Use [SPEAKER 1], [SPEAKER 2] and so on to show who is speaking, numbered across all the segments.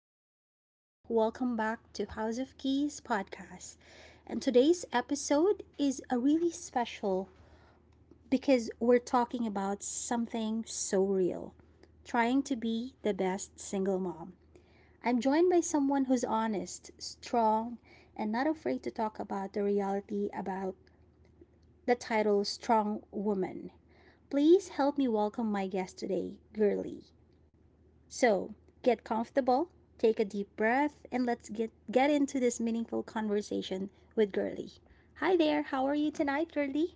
[SPEAKER 1] everyone, welcome back to House of Keys podcast. And today's episode is a really special because we're talking about something so real, trying to be the best single mom. I'm joined by someone who's honest, strong, and not afraid to talk about the reality about the title Strong Woman. Please help me welcome my guest today, Girly. So, get comfortable, take a deep breath, and let's get into this meaningful conversation with Girly. Hi there, how are you tonight, Girly?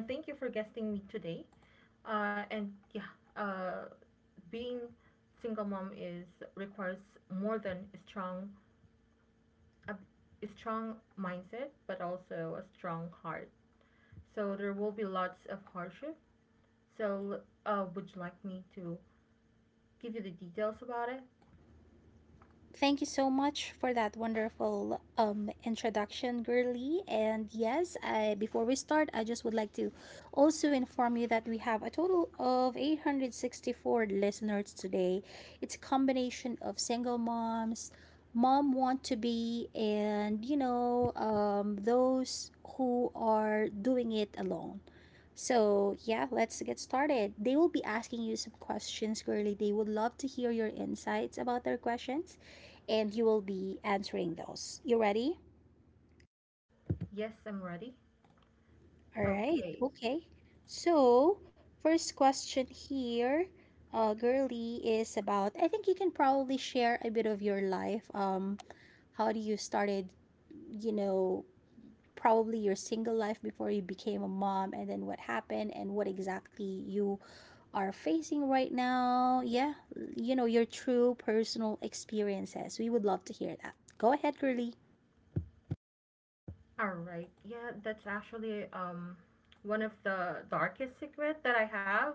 [SPEAKER 2] And thank you for guesting me today. And yeah, uh, being single mom is requires more than a strong a, a strong mindset, but also a strong heart. So there will be lots of hardship. So would you like me to give you the details about it?
[SPEAKER 1] Thank you so much for that wonderful introduction, Girly. And yes, I, before we start, I just would like to also inform you that we have a total of 864 listeners today. It's a combination of single moms, mom want to be, and those who are doing it alone. So, yeah, let's get started. They will be asking you some questions, Girly. They would love to hear your insights about their questions, and you will be answering those. You ready?
[SPEAKER 2] Yes, I'm ready.
[SPEAKER 1] All right.
[SPEAKER 2] Okay.
[SPEAKER 1] Okay. So, first question here, Girly, is about, I think you can probably share a bit of your life. How do you started, you know, probably your single life before you became a mom and then what happened and what exactly you are facing right now. Yeah, you know, your true personal experiences. We would love to hear that. Go ahead, Girly.
[SPEAKER 2] All right. Yeah, that's actually one of the darkest secret that I have,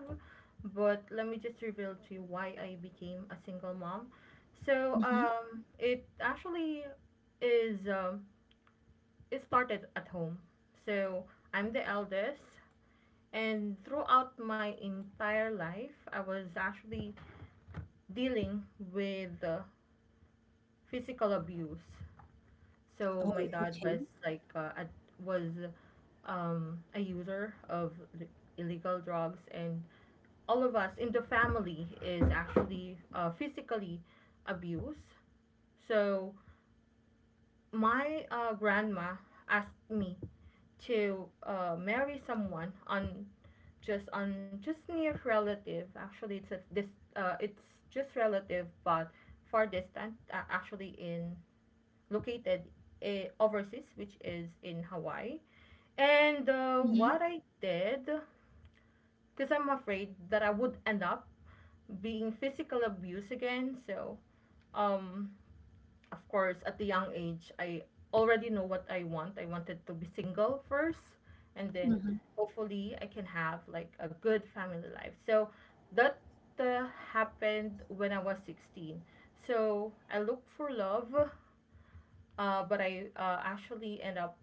[SPEAKER 2] but let me just reveal to you why I became a single mom. So,
[SPEAKER 1] Mm-hmm.
[SPEAKER 2] it actually is it started at home. So, I'm the eldest and throughout my entire life, I was actually dealing with physical abuse. So,
[SPEAKER 1] Oh,
[SPEAKER 2] my dad
[SPEAKER 1] okay.
[SPEAKER 2] was like ad- was a user of illegal drugs, and all of us in the family is actually physically abused. So my grandma asked me to marry someone on just near relative. Actually, it's this it's just relative, but far distant. Actually, in located overseas, which is in Hawaii. And
[SPEAKER 1] Mm-hmm.
[SPEAKER 2] what I did because I'm afraid that I would end up being physical abuse again. So, um, of course, at the young age, I already know what I want. I wanted to be single first, and then
[SPEAKER 1] Mm-hmm.
[SPEAKER 2] hopefully I can have like a good family life. So that happened when I was 16. So I looked for love, but I actually end up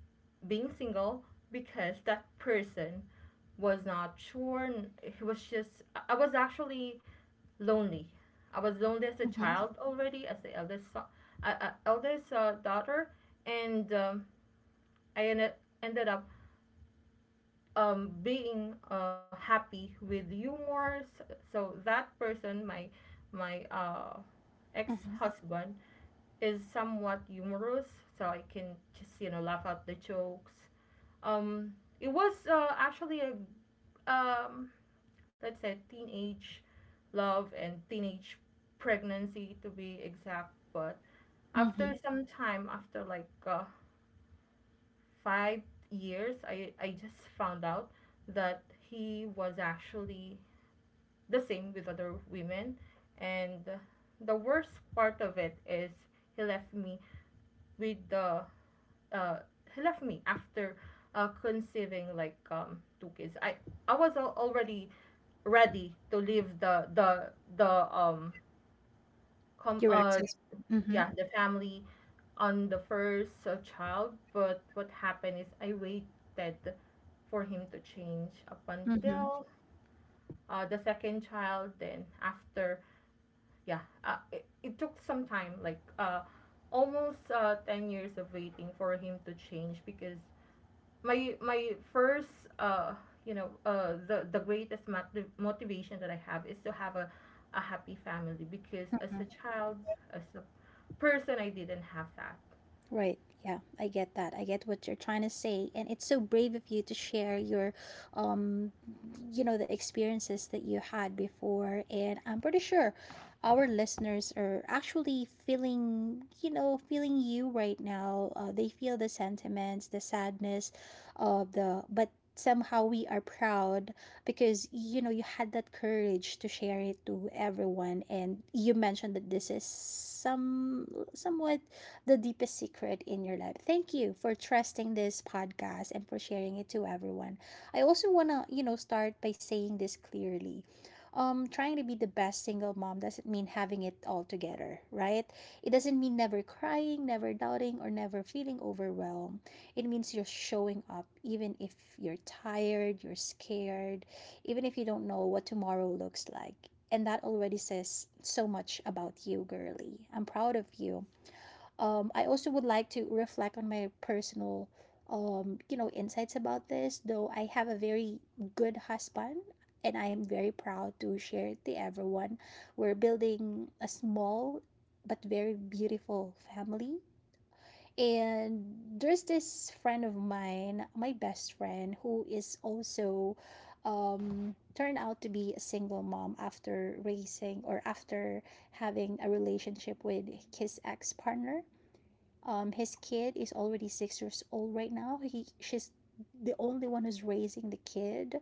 [SPEAKER 2] being single because that person was not sure. He was just I was actually lonely. I was lonely as a
[SPEAKER 1] Mm-hmm.
[SPEAKER 2] child already, as the eldest so- eldest daughter, and I ended up being happy with humor. So that person, my ex
[SPEAKER 1] Mm-hmm.
[SPEAKER 2] husband, is somewhat humorous, so I can just you know laugh out the jokes. Um, it was actually a um, let's say teenage love and teenage pregnancy to be exact, but
[SPEAKER 1] Mm-hmm.
[SPEAKER 2] after some time after like five years I just found out that he was actually the same with other women and the worst part of it is he left me with the uh, he left me after conceiving like two kids. I was already ready to leave the com-
[SPEAKER 1] Your
[SPEAKER 2] uh,
[SPEAKER 1] access. Mm-hmm.
[SPEAKER 2] yeah, the family on the first child, but what happened is I waited for him to change up
[SPEAKER 1] Mm-hmm.
[SPEAKER 2] until the second child. Then after, yeah, it took some time, like almost ten years of waiting for him to change because my first you know the greatest motivation that I have is to have a happy family because as a child as a person I didn't have that.
[SPEAKER 1] Right. Yeah, I get that. I get what you're trying to say, and it's so brave of you to share your, um, you know, the experiences that you had before. And I'm pretty sure our listeners are actually feeling, you know, feeling you right now. They feel the sentiments, the sadness, of the but somehow we are proud because you know you had that courage to share it to everyone, and you mentioned that this is somewhat the deepest secret in your life. Thank you for trusting this podcast and for sharing it to everyone. I also want to, you know, start by saying this clearly. Trying to be the best single mom doesn't mean having it all together, right? It doesn't mean never crying, never doubting, or never feeling overwhelmed. It means you're showing up even if you're tired, you're scared, even if you don't know what tomorrow looks like. And that already says so much about you, Girly. I'm proud of you. I also would like to reflect on my personal, you know, insights about this. Though I have a very good husband, and I'm very proud to share it to everyone. We're building a small but very beautiful family. And there's this friend of mine, my best friend, who is also turned out to be a single mom after raising, or after having a relationship with his ex partner. His kid is already 6 years old right now. He she's the only one who's raising the kid,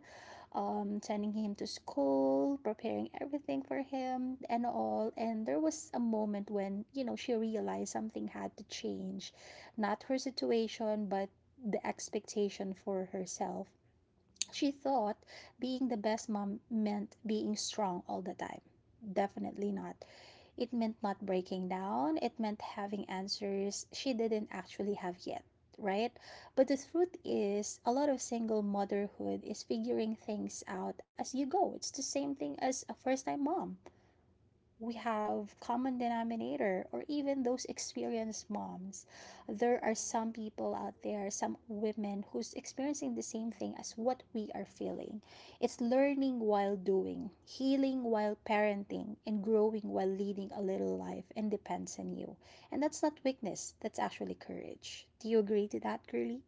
[SPEAKER 1] sending him to school, preparing everything for him and all. And there was a moment when, you know, she realized something had to change. Not her situation, but the expectation for herself. She thought being the best mom meant being strong all the time. Definitely not. It meant not breaking down, it meant having answers she didn't actually have yet, right? But the truth is, a lot of single motherhood is figuring things out as you go. It's the same thing as a first time mom, we have common denominator, or even those experienced moms, there are some people out there, some women who's experiencing the same thing as what we are feeling. It's learning while doing, healing while parenting, and growing while leading a little life, and depends on you. And that's not weakness, that's actually courage. Do you agree to that, Girly?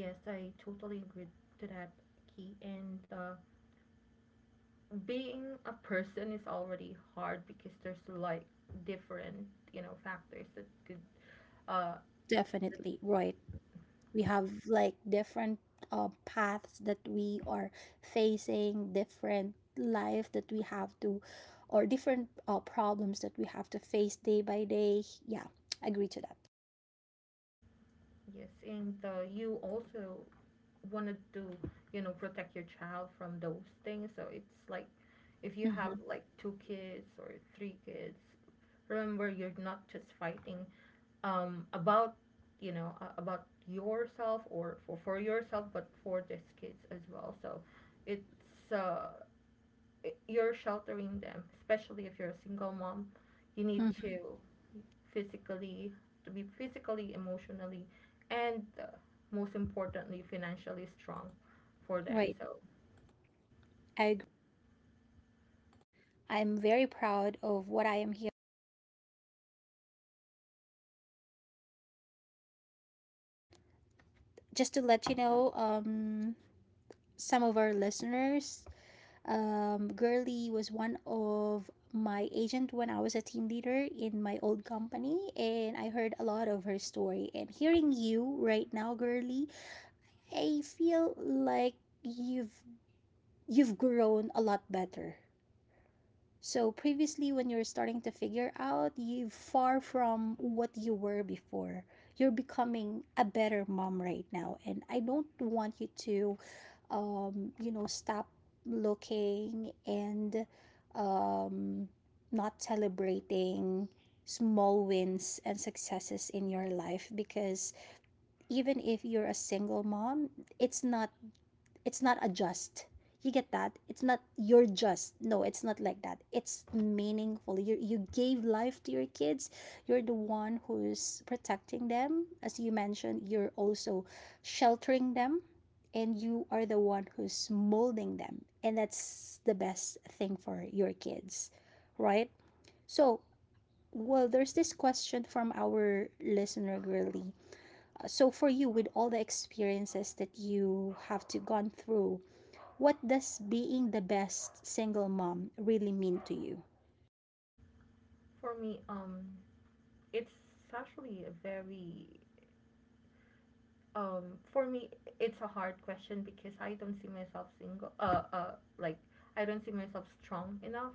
[SPEAKER 2] Yes, I totally agree to that, Key. And being a person is already hard because there's like different, you know, factors that could uh,
[SPEAKER 1] Definitely right, we have like different paths that we are facing, different life that we have to, or different problems that we have to face day by day, yeah. Agree to that.
[SPEAKER 2] Yes, and you also wanted to, you know, protect your child from those things. So it's like if you have
[SPEAKER 1] Mm-hmm.
[SPEAKER 2] like two kids or three kids, remember you're not just fighting about, you know, about yourself or for yourself, but for these kids as well. So it's uh, you're sheltering them, especially if you're a single mom. You need
[SPEAKER 1] Mm-hmm.
[SPEAKER 2] to physically, to be physically, emotionally, and most importantly, financially strong for them.
[SPEAKER 1] Right,
[SPEAKER 2] So
[SPEAKER 1] I agree. I'm very proud of what I am here. Just to let you know, some of our listeners, Girly was one of my agent when I was a team leader in my old company, and I heard a lot of her story. And hearing you right now, Girly, I feel like you've you've grown a lot better. So previously, when you're starting to figure out, you far from what you were before. You're becoming a better mom right now, and I don't want you to you know, stop looking and um, not celebrating small wins and successes in your life because even if you're a single mom, it's not it's not a just. You get that? It's not you're just. No, it's not like that. It's meaningful. You gave life to your kids. You're the one who's protecting them. As you mentioned, you're also sheltering them, and you are the one who's molding them. And that's the best thing for your kids, right? So, well, there's this question from our listener, really. So, for you, with all the experiences that you have to gone through, what does being the best single mom really mean to you?
[SPEAKER 2] for me, it's actually a very um for me it's a hard question because I don't see myself single like I don't see myself strong enough.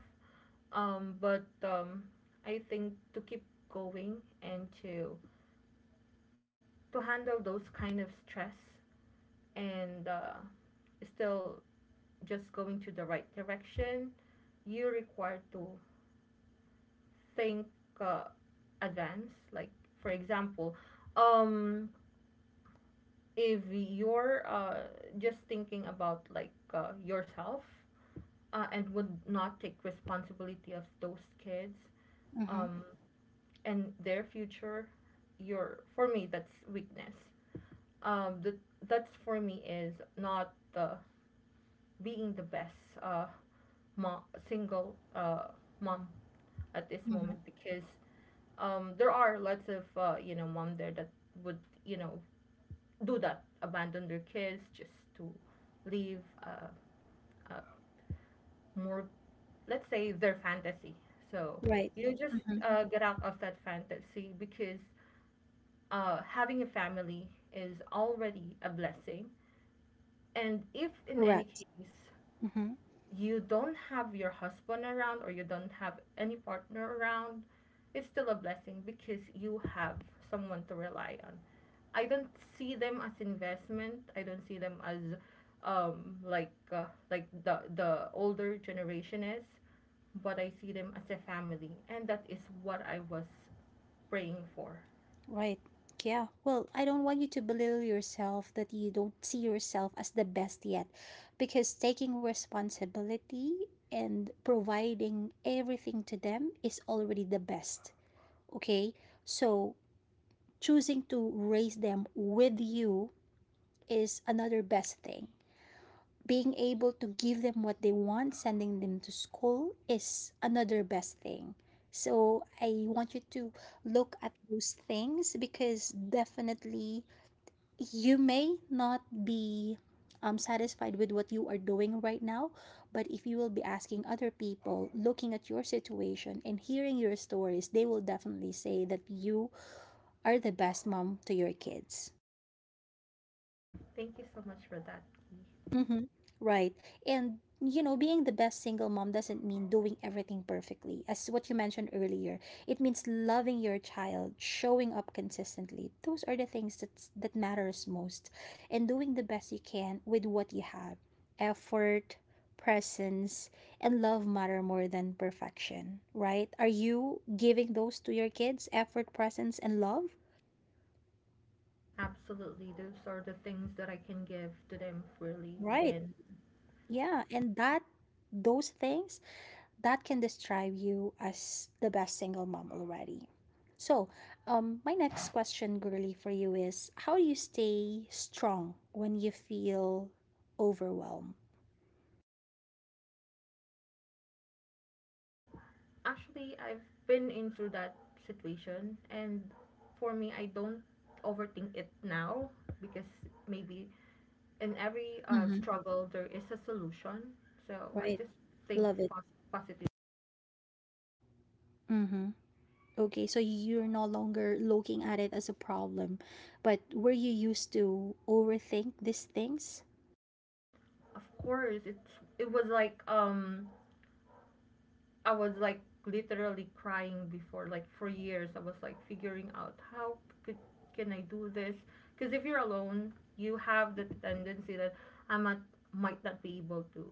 [SPEAKER 2] But I think to keep going and to handle those kind of stress and still just going to the right direction you're required to think uh, advance like for example um if you're just thinking about like yourself and would not take responsibility of those kids
[SPEAKER 1] Mm-hmm.
[SPEAKER 2] um, and their future your for me that's weakness um, that that's for me is not the. Being the best uh, mom, single mom at this
[SPEAKER 1] Mm-hmm.
[SPEAKER 2] moment because there are lots of you know mom there that would you know do that abandon their kids just to live uh, more let's say their fantasy so
[SPEAKER 1] Right.
[SPEAKER 2] you just
[SPEAKER 1] Mm-hmm.
[SPEAKER 2] get out of that fantasy because having a family is already a blessing and if in any
[SPEAKER 1] Correct.
[SPEAKER 2] case
[SPEAKER 1] Mm-hmm.
[SPEAKER 2] you don't have your husband around or you don't have any partner around, it's still a blessing because you have someone to rely on. I don't see them as investment. I don't see them as um like uh, like the older generation is, but I see them as a family and that is what I was praying for.
[SPEAKER 1] Right. Yeah. Well, I don't want you to belittle yourself that you don't see yourself as the best yet because taking responsibility and providing everything to them is already the best. Okay. So choosing to raise them with you is another best thing. Being able to give them what they want, sending them to school is another best thing. So I want you to look at those things because definitely you may not be satisfied with what you are doing right now, but if you will be asking other people, looking at your situation and hearing your stories, they will definitely say that you are the best mom to your kids.
[SPEAKER 2] Thank you so much for that.
[SPEAKER 1] Mm-hmm. Right. And, you know, being the best single mom doesn't mean doing everything perfectly. As what you mentioned earlier, it means loving your child, showing up consistently. Those are the things that matters most. And doing the best you can with what you have. Effort, presence, and love matter more than perfection, right? Are you giving those to your kids? Effort, presence, and love?
[SPEAKER 2] Absolutely. Those are the things that I can give to them freely
[SPEAKER 1] Right.
[SPEAKER 2] and...
[SPEAKER 1] Yeah. And that those things that can describe you as the best single mom already. So, my next question, Girly, for you is how do you stay strong when you feel overwhelmed?
[SPEAKER 2] Actually, I've been into that situation, and for me, I don't overthink it now because maybe in every
[SPEAKER 1] Hmm.
[SPEAKER 2] struggle there is a solution. So I
[SPEAKER 1] Right.
[SPEAKER 2] just think
[SPEAKER 1] Love it.
[SPEAKER 2] fast positive.
[SPEAKER 1] Mm-hmm. Okay, so you're no longer looking at it as a problem, but were you used to overthink these things?
[SPEAKER 2] Of course, it's it was like I was like literally crying before like for years. I was like figuring out how could can I do this? Because if you're alone, you have the tendency that I might not be able to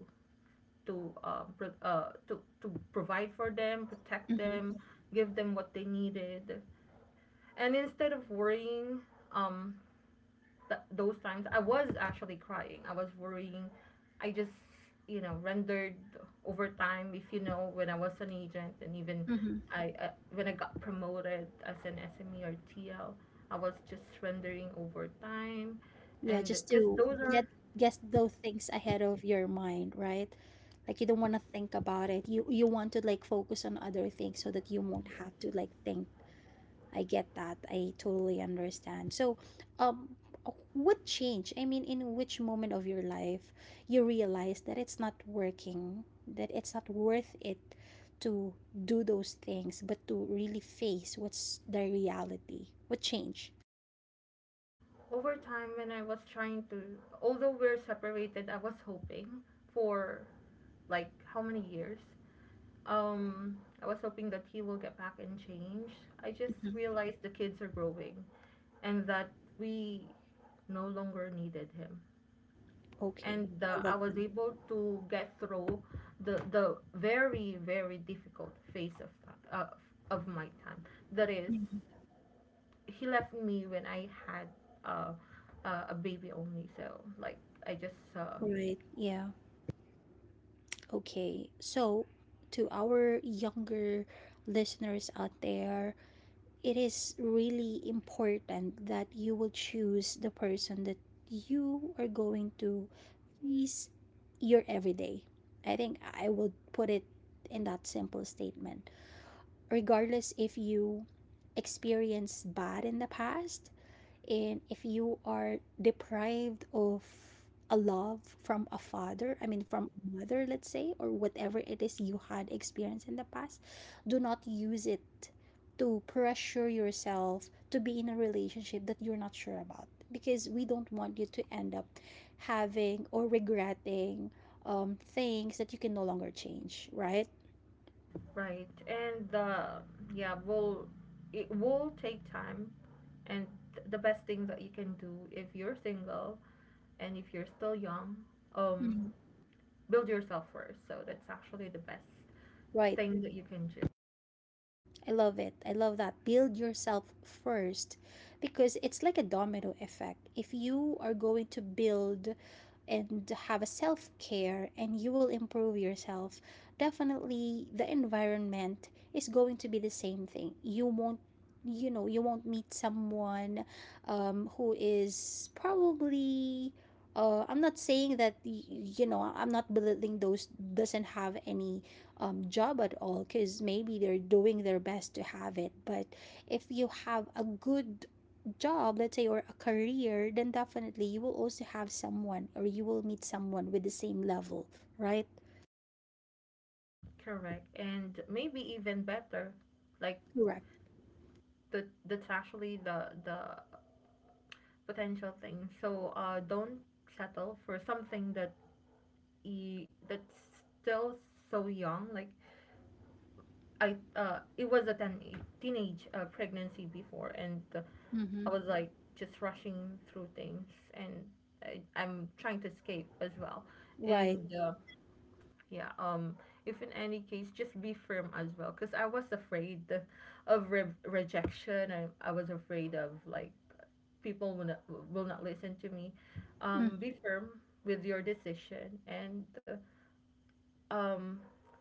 [SPEAKER 2] to provide for them, protect
[SPEAKER 1] Hmm.
[SPEAKER 2] them, give them what they needed, and instead of worrying, um, those times I was actually crying. I was worrying. I just you know rendered over time. If you know, when I was an agent and even
[SPEAKER 1] Hmm.
[SPEAKER 2] I when I got promoted as an SME or TL, I was just rendering over time,
[SPEAKER 1] Yeah,
[SPEAKER 2] and
[SPEAKER 1] just
[SPEAKER 2] because
[SPEAKER 1] to
[SPEAKER 2] those are...
[SPEAKER 1] get guess those things ahead of your mind, right? Like you don't want to think about it. You want to like focus on other things so that you
[SPEAKER 2] Yes,
[SPEAKER 1] won't have to like think. I get that. I totally understand. So, um what change? I mean, in which moment of your life you realize that it's not working, that it's not worth it to do those things, but to really face what's the reality? What change?
[SPEAKER 2] over time when I was trying to although we're separated, I was hoping for like how many years. Um, I was hoping that he will get back and change. I just
[SPEAKER 1] Hmm.
[SPEAKER 2] realized the kids are growing and that we no longer needed him.
[SPEAKER 1] Okay.
[SPEAKER 2] And
[SPEAKER 1] I love
[SPEAKER 2] I was able to get through the very very difficult phase uh, of my time. That is
[SPEAKER 1] them.
[SPEAKER 2] he left me when I had uh, a baby only. So like I just uh,...
[SPEAKER 1] Right. Yeah. Okay. So, to our younger listeners out there, it is really important that you will choose the person that you are going to please your everyday. I think I would put it in that simple statement. Regardless if you experienced bad in the past, and if you are deprived of a love from a father, I mean from a mother, let's say, or whatever it is you had experienced in the past, do not use it to pressure yourself to be in a relationship that you're not sure about because we don't want you to end up having or regretting things that you can no longer change, right?
[SPEAKER 2] Right, and yeah, will it will take time, and the best thing that you can do if you're single, and if you're still young, um,
[SPEAKER 1] Mhm.
[SPEAKER 2] build yourself first. So that's actually the best
[SPEAKER 1] Right.
[SPEAKER 2] thing that you can do.
[SPEAKER 1] I love it. I love that. Build yourself first because it's like a domino effect. If you are going to build and have a self care and you will improve yourself, definitely the environment is going to be the same thing. You won't, you know, you won't meet someone who is probably I'm not saying that you know, I'm not belittling those doesn't have any job at all because maybe they're doing their best to have it. But if you have a good job, let's say, or a career, then definitely you will also have someone or you will meet someone with the same level, right?
[SPEAKER 2] Correct, and maybe even better, like
[SPEAKER 1] Correct.
[SPEAKER 2] the that's actually the potential thing. So don't settle for something that that's still so young. Like it was a teenage pregnancy before, and
[SPEAKER 1] Mm-hmm.
[SPEAKER 2] I was like just rushing through things, and I'm trying to escape as well.
[SPEAKER 1] Right.
[SPEAKER 2] And yeah, if in any case, just be firm as well. Because I was afraid of rejection. I was afraid of like people will not listen to me.
[SPEAKER 1] Mm-hmm.
[SPEAKER 2] Be firm with your decision, and uh, um,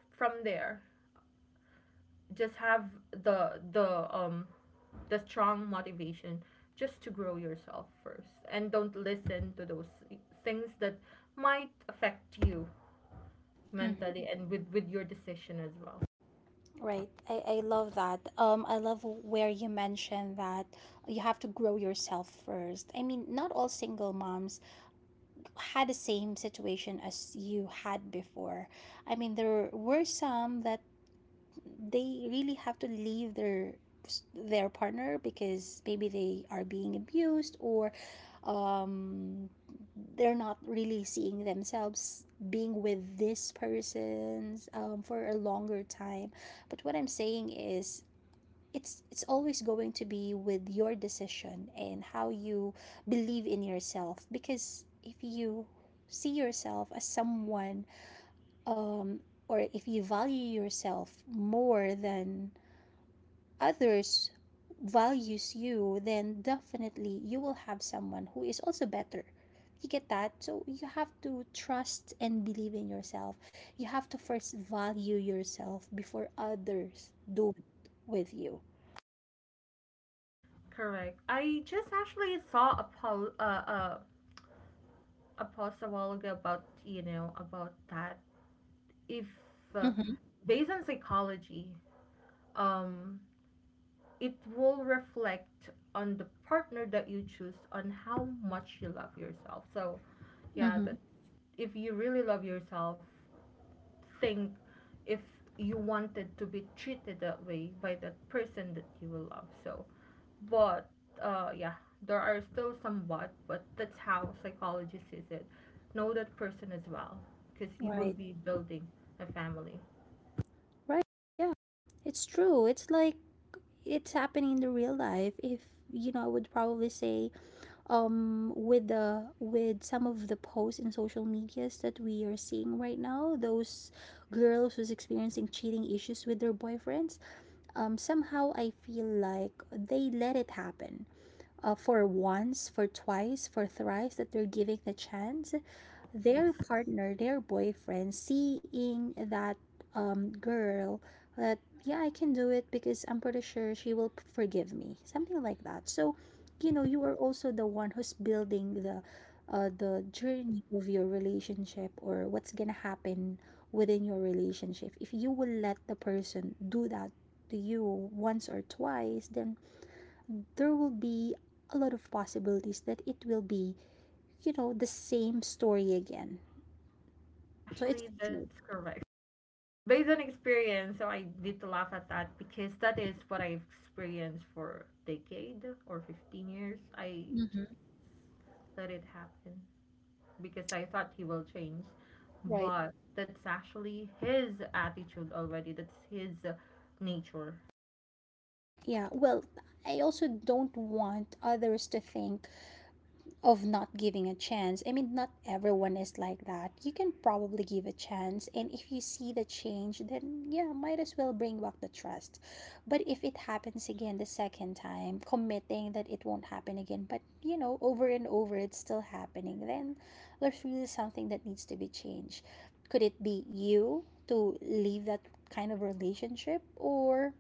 [SPEAKER 2] from there, just have the the um the strong motivation just to grow yourself first, and don't listen to those things that might affect you mentally and with your decision as well.
[SPEAKER 1] Right. I love that. I love where you mentioned that you have to grow yourself first. I mean, not all single moms had the same situation as you had before. I mean, there were some that they really have to leave their partner because maybe they are being abused, or um, they're not really seeing themselves being with this person's for a longer time. But what I'm saying is, it's always going to be with your decision and how you believe in yourself. Because if you see yourself as someone, um, or if you value yourself more than others values you, then definitely you will have someone who is also better. You get that? So you have to trust and believe in yourself. You have to first value yourself before others do it with you.
[SPEAKER 2] Correct. I just actually saw a a post a while ago about you know about that. If uh,
[SPEAKER 1] Mm-hmm.
[SPEAKER 2] based on psychology, um, it will reflect on the partner that you choose on how much you love yourself. So, yeah, that
[SPEAKER 1] Mm-hmm.
[SPEAKER 2] if you really love yourself, think if you wanted to be treated that way by that person that you will love. So, but yeah, there are still some but that's how psychology sees it. Know that person as well, because you will
[SPEAKER 1] Right.
[SPEAKER 2] be building a family.
[SPEAKER 1] Right. Yeah, it's true. It's like it's happening in the real life, if you know. I would probably say, with the with some of the posts in social medias that we are seeing right now, those girls who's experiencing cheating issues with their boyfriends, somehow I feel like they let it happen, for once, for twice, for thrice, that they're giving the chance. Their
[SPEAKER 2] Yes,
[SPEAKER 1] partner, their boyfriend, seeing that, girl, that, yeah, I can do it because I'm pretty sure she will forgive me. Something like that. So, you know, you are also the one who's building the journey of your relationship, or what's gonna happen within your relationship. If you will let the person do that to you once or twice, then there will be a lot of possibilities that it will be, you know, the same story again. So it's
[SPEAKER 2] actually,
[SPEAKER 1] true.
[SPEAKER 2] that's correct. Based on experience, so I need to laugh at that because that is what I've experienced for decade or 15 years. I
[SPEAKER 1] Mhm.
[SPEAKER 2] just let it happen, because I thought he will change.
[SPEAKER 1] Right.
[SPEAKER 2] But that's actually his attitude already. That's his nature.
[SPEAKER 1] Yeah. Well, I also don't want others to think of not giving a chance. I mean, not everyone is like that. You can probably give a chance, and if you see the change, then yeah, might as well bring back the trust. But if it happens again the second time, committing that it won't happen again, but you know, over and over it's still happening, then there's really something that needs to be changed. Could it be you to leave that kind of relationship, or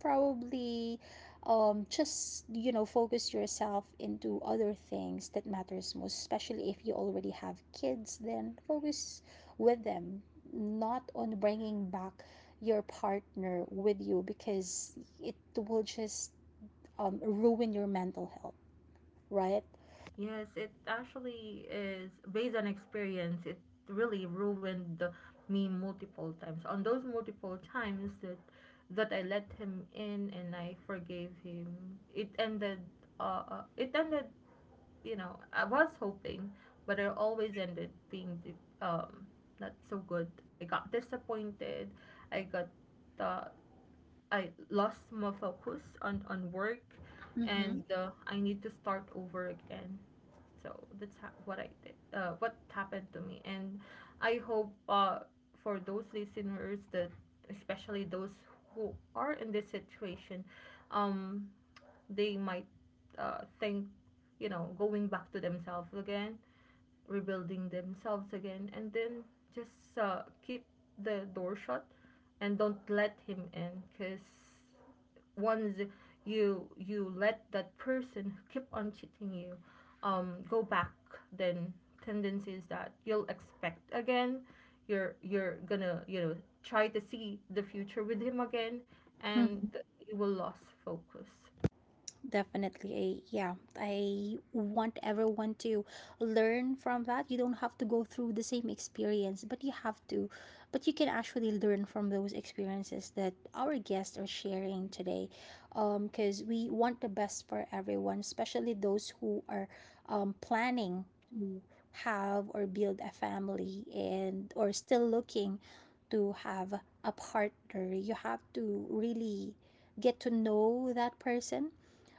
[SPEAKER 1] probably, just, you know, focus yourself into other things that matters most, especially if you already have kids, then focus with them, not on bringing back your partner with you, because it will just, ruin your mental health. Right.
[SPEAKER 2] Yes, it actually is based on experience. It really ruined me multiple times. On those multiple times that I let him in and I forgave him, it ended. It ended, you know, I was hoping, but it always ended being um not so good. I got disappointed. I got uh, I lost my focus on work,
[SPEAKER 1] Mm-hmm.
[SPEAKER 2] and I need to start over again. So that's what I did. What happened to me, and I hope for those listeners that especially those who are in this situation, um they might think, you know, going back to themselves again, rebuilding themselves again, and then just keep the door shut and don't let him in because once you let that person who keep on cheating you go back then tendencies that you'll expect again you're gonna you know try to see the future with him again and you will lose focus.
[SPEAKER 1] Definitely. Yeah, I want everyone to learn from that. You don't have to go through the same experience, but you can actually learn from those experiences that our guests are sharing today. Because we want the best for everyone, especially those who are, planning to have or build a family, and or still looking to have a partner. You have to really get to know that person.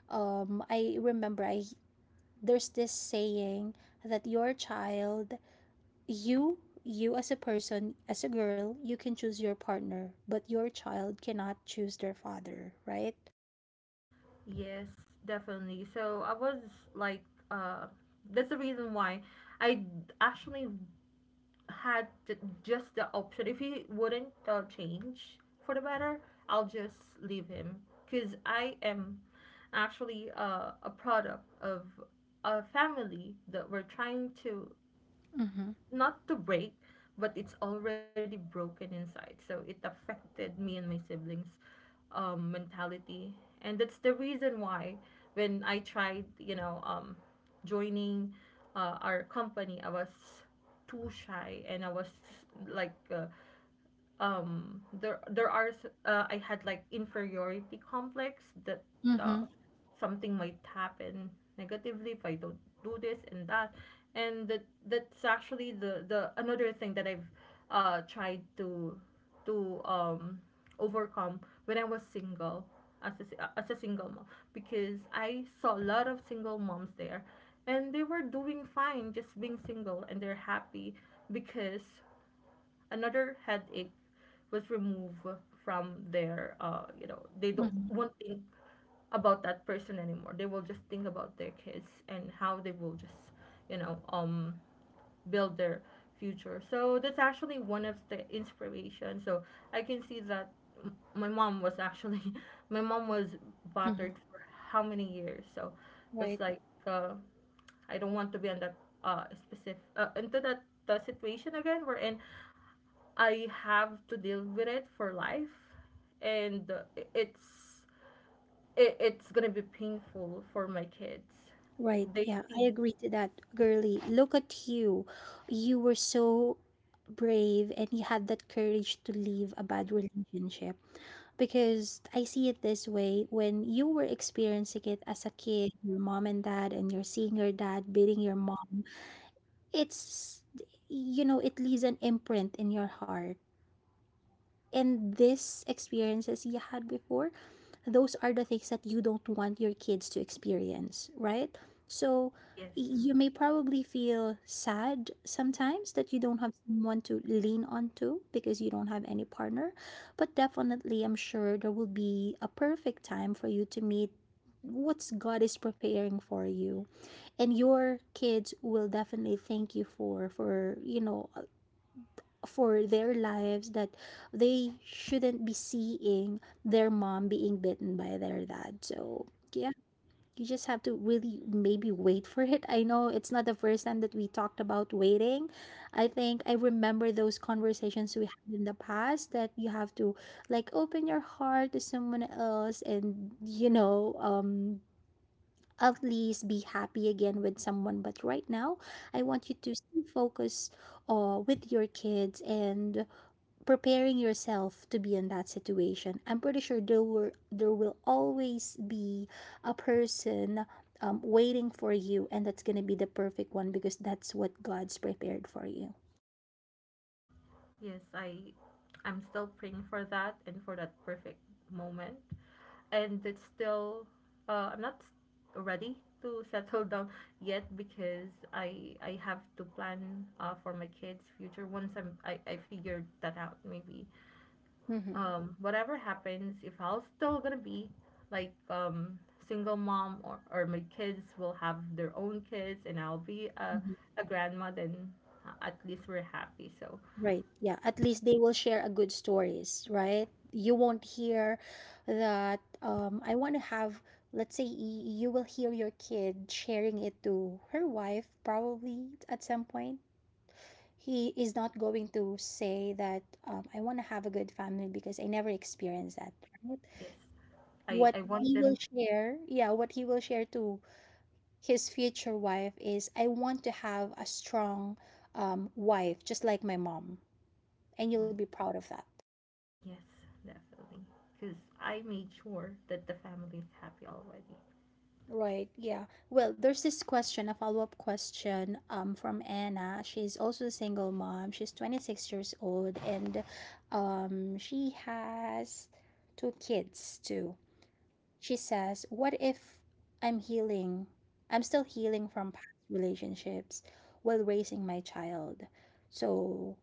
[SPEAKER 1] I remember I There's this saying that your child, you as a person, as a girl, you can choose your partner, but your child cannot choose their father. Right?
[SPEAKER 2] Yes, definitely. So I was like, uh, that's the reason why I d- actually had just the option. If he wouldn't change for the better, I'll just leave him because I am actually a product of a family that we're trying to
[SPEAKER 1] Mm-hmm.
[SPEAKER 2] not to break, but it's already broken inside. So it affected me and my siblings' mentality, and that's the reason why when I tried, you know, joining our company, I was too shy and I was like. I had like inferiority complex that uh,
[SPEAKER 1] Mm-hmm.
[SPEAKER 2] something might happen negatively if I don't do this and that and that's actually the another thing that I've tried to to um overcome when I was single as as a single mom because I saw a lot of single moms there and they were doing fine just being single and they're happy because another headache was removed from their you know they don't
[SPEAKER 1] Mm-hmm.
[SPEAKER 2] won't think about that person anymore they will just think about their kids and how they will just you know build their future so that's actually one of the inspiration so I can see that my mom was actually my mom was
[SPEAKER 1] Mm-hmm.
[SPEAKER 2] bothered for how many years so it was
[SPEAKER 1] Right.
[SPEAKER 2] like uh I don't want to be on that specific into that the situation again we're in I have to deal with it for life, and it's it's gonna be painful for my kids.
[SPEAKER 1] Right,
[SPEAKER 2] They
[SPEAKER 1] yeah, I
[SPEAKER 2] see,
[SPEAKER 1] agree to that, girly. Look at you. You were so brave, and you had that courage to leave a bad relationship. Because I see it this way, when you were experiencing it as a kid, your mom and dad, and you're seeing your dad beating your mom, it's, you know, it leaves an imprint in your heart. And these experiences you had before, those are the things that you don't want your kids to experience, right? So
[SPEAKER 2] yes,
[SPEAKER 1] you may probably feel sad sometimes that you don't have someone to lean onto because you don't have any partner. But definitely, I'm sure there will be a perfect time for you to meet what's God is preparing for you, and your kids will definitely thank you for, you know, for their lives, that they shouldn't be seeing their mom being bitten by their dad. So, yeah, you just have to really maybe wait for it. I know it's not the first time that we talked about waiting. I think I remember those conversations we had in the past, that you have to, like, open your heart to someone else and, you know, at least be happy again with someone. But right now I want you to stay focused, with your kids, and preparing yourself to be in that situation. I'm pretty sure there will always be a person, waiting for you, and that's going to be the perfect one, because that's what God's prepared for you.
[SPEAKER 2] yes. I'm still praying for that and for that perfect moment, and it's still I'm not ready to settle down yet because I have to plan for my kids' future once I figured that out maybe
[SPEAKER 1] Mm-hmm.
[SPEAKER 2] whatever happens if I'll still gonna be like single mom or my kids will have their own kids and I'll be
[SPEAKER 1] Mhm.
[SPEAKER 2] a grandma then at least we're happy so
[SPEAKER 1] Right. Yeah. At least they will share a good stories, right? You won't hear that, I want to have, let's say, you will hear your kid sharing it to her wife probably at some point. He is not going to say that, I want to have a good family because I never experienced that. Right?
[SPEAKER 2] yes
[SPEAKER 1] What
[SPEAKER 2] I want
[SPEAKER 1] he will
[SPEAKER 2] them
[SPEAKER 1] share, yeah, what he will share to his future wife is, I want to have a strong, wife, just like my mom, and you'll be proud of that.
[SPEAKER 2] yes definitely because I made sure that the family is happy already.
[SPEAKER 1] Right, yeah. Well, there's this question, a follow-up question, um, from Anna. She's also a single mom. She's 26 years old, and she has two kids too. She says, what if I'm healing? I'm still healing from past relationships while raising my child. So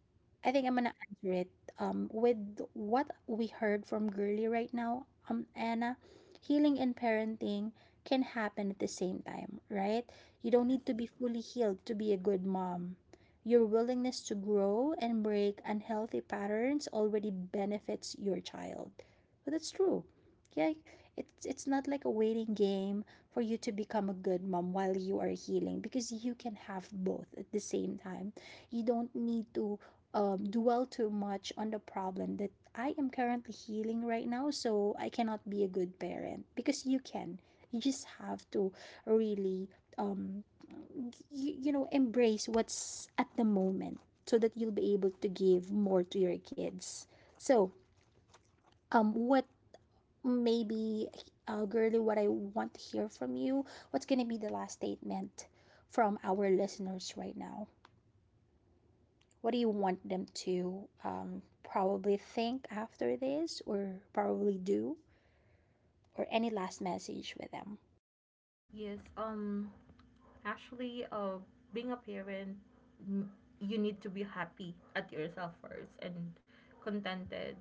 [SPEAKER 1] I think I'm going to answer it, with what we heard from Girly right now, Anna. Healing and parenting can happen at the same time, right? You
[SPEAKER 2] Yes,
[SPEAKER 1] don't need to be fully healed to be a good mom. Your willingness to grow and break unhealthy patterns already benefits your child. But that's true. Yeah, it's not like a waiting game for you to become a good mom while you are healing, because you can have both at the same time. You don't need to, dwell too much on the problem that I am currently healing right now, so I cannot be a good parent, because you can. You just have to really, um you, you know, embrace what's at the moment, so that you'll be able to give more to your kids. So, what maybe, girly, what I want to hear from you, what's going to be the last statement from our listeners right now, what do you want them to, probably think after this, or probably do, or any last message with them.
[SPEAKER 2] yes, um, actually, being a parent, n- you need to be happy at yourself first and contented.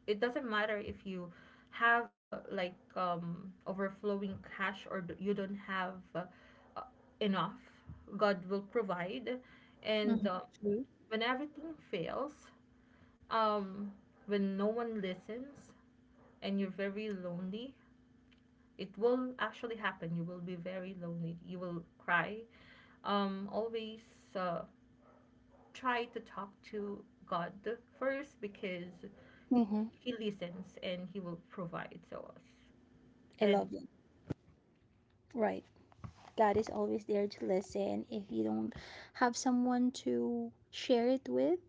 [SPEAKER 2] It doesn't matter if you have like overflowing cash or you don't have uh, enough. God will provide, and
[SPEAKER 1] Mm-hmm. True.
[SPEAKER 2] when everything fails, um, when no one listens and you're very lonely, it will actually happen. You will be very lonely. You will cry. Always uh, try to talk to God first because
[SPEAKER 1] Mm-hmm.
[SPEAKER 2] He listens and He will provide to us.
[SPEAKER 1] I
[SPEAKER 2] And
[SPEAKER 1] love it. Right. God is always there to listen. If you don't have someone to share it with,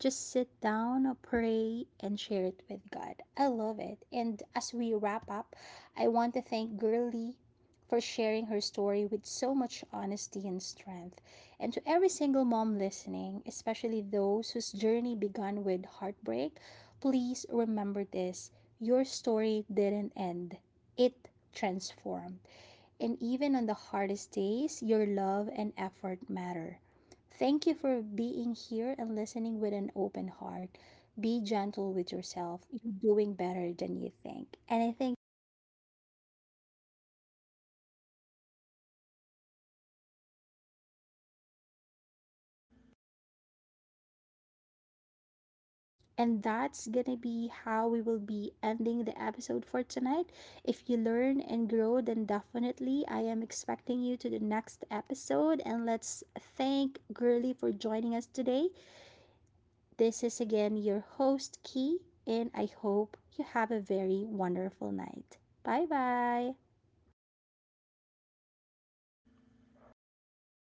[SPEAKER 1] just sit down, pray, and share it with God. I love it. And as we wrap up, I want to thank Girly for sharing her story with so much honesty and strength. And to every single mom listening, especially those whose journey began with heartbreak, please remember this: your story didn't end, it transformed. And even on the hardest days, your love and effort matter. Thank you for being here and listening with an open heart. Be gentle with yourself. You're doing better than you think. And that's going to be how we will be ending the episode for tonight. If you learn and grow, then definitely I am expecting you to the next episode. And let's thank Girly for joining us today. This is again your host, Key, and I hope you have a very wonderful night. Bye bye.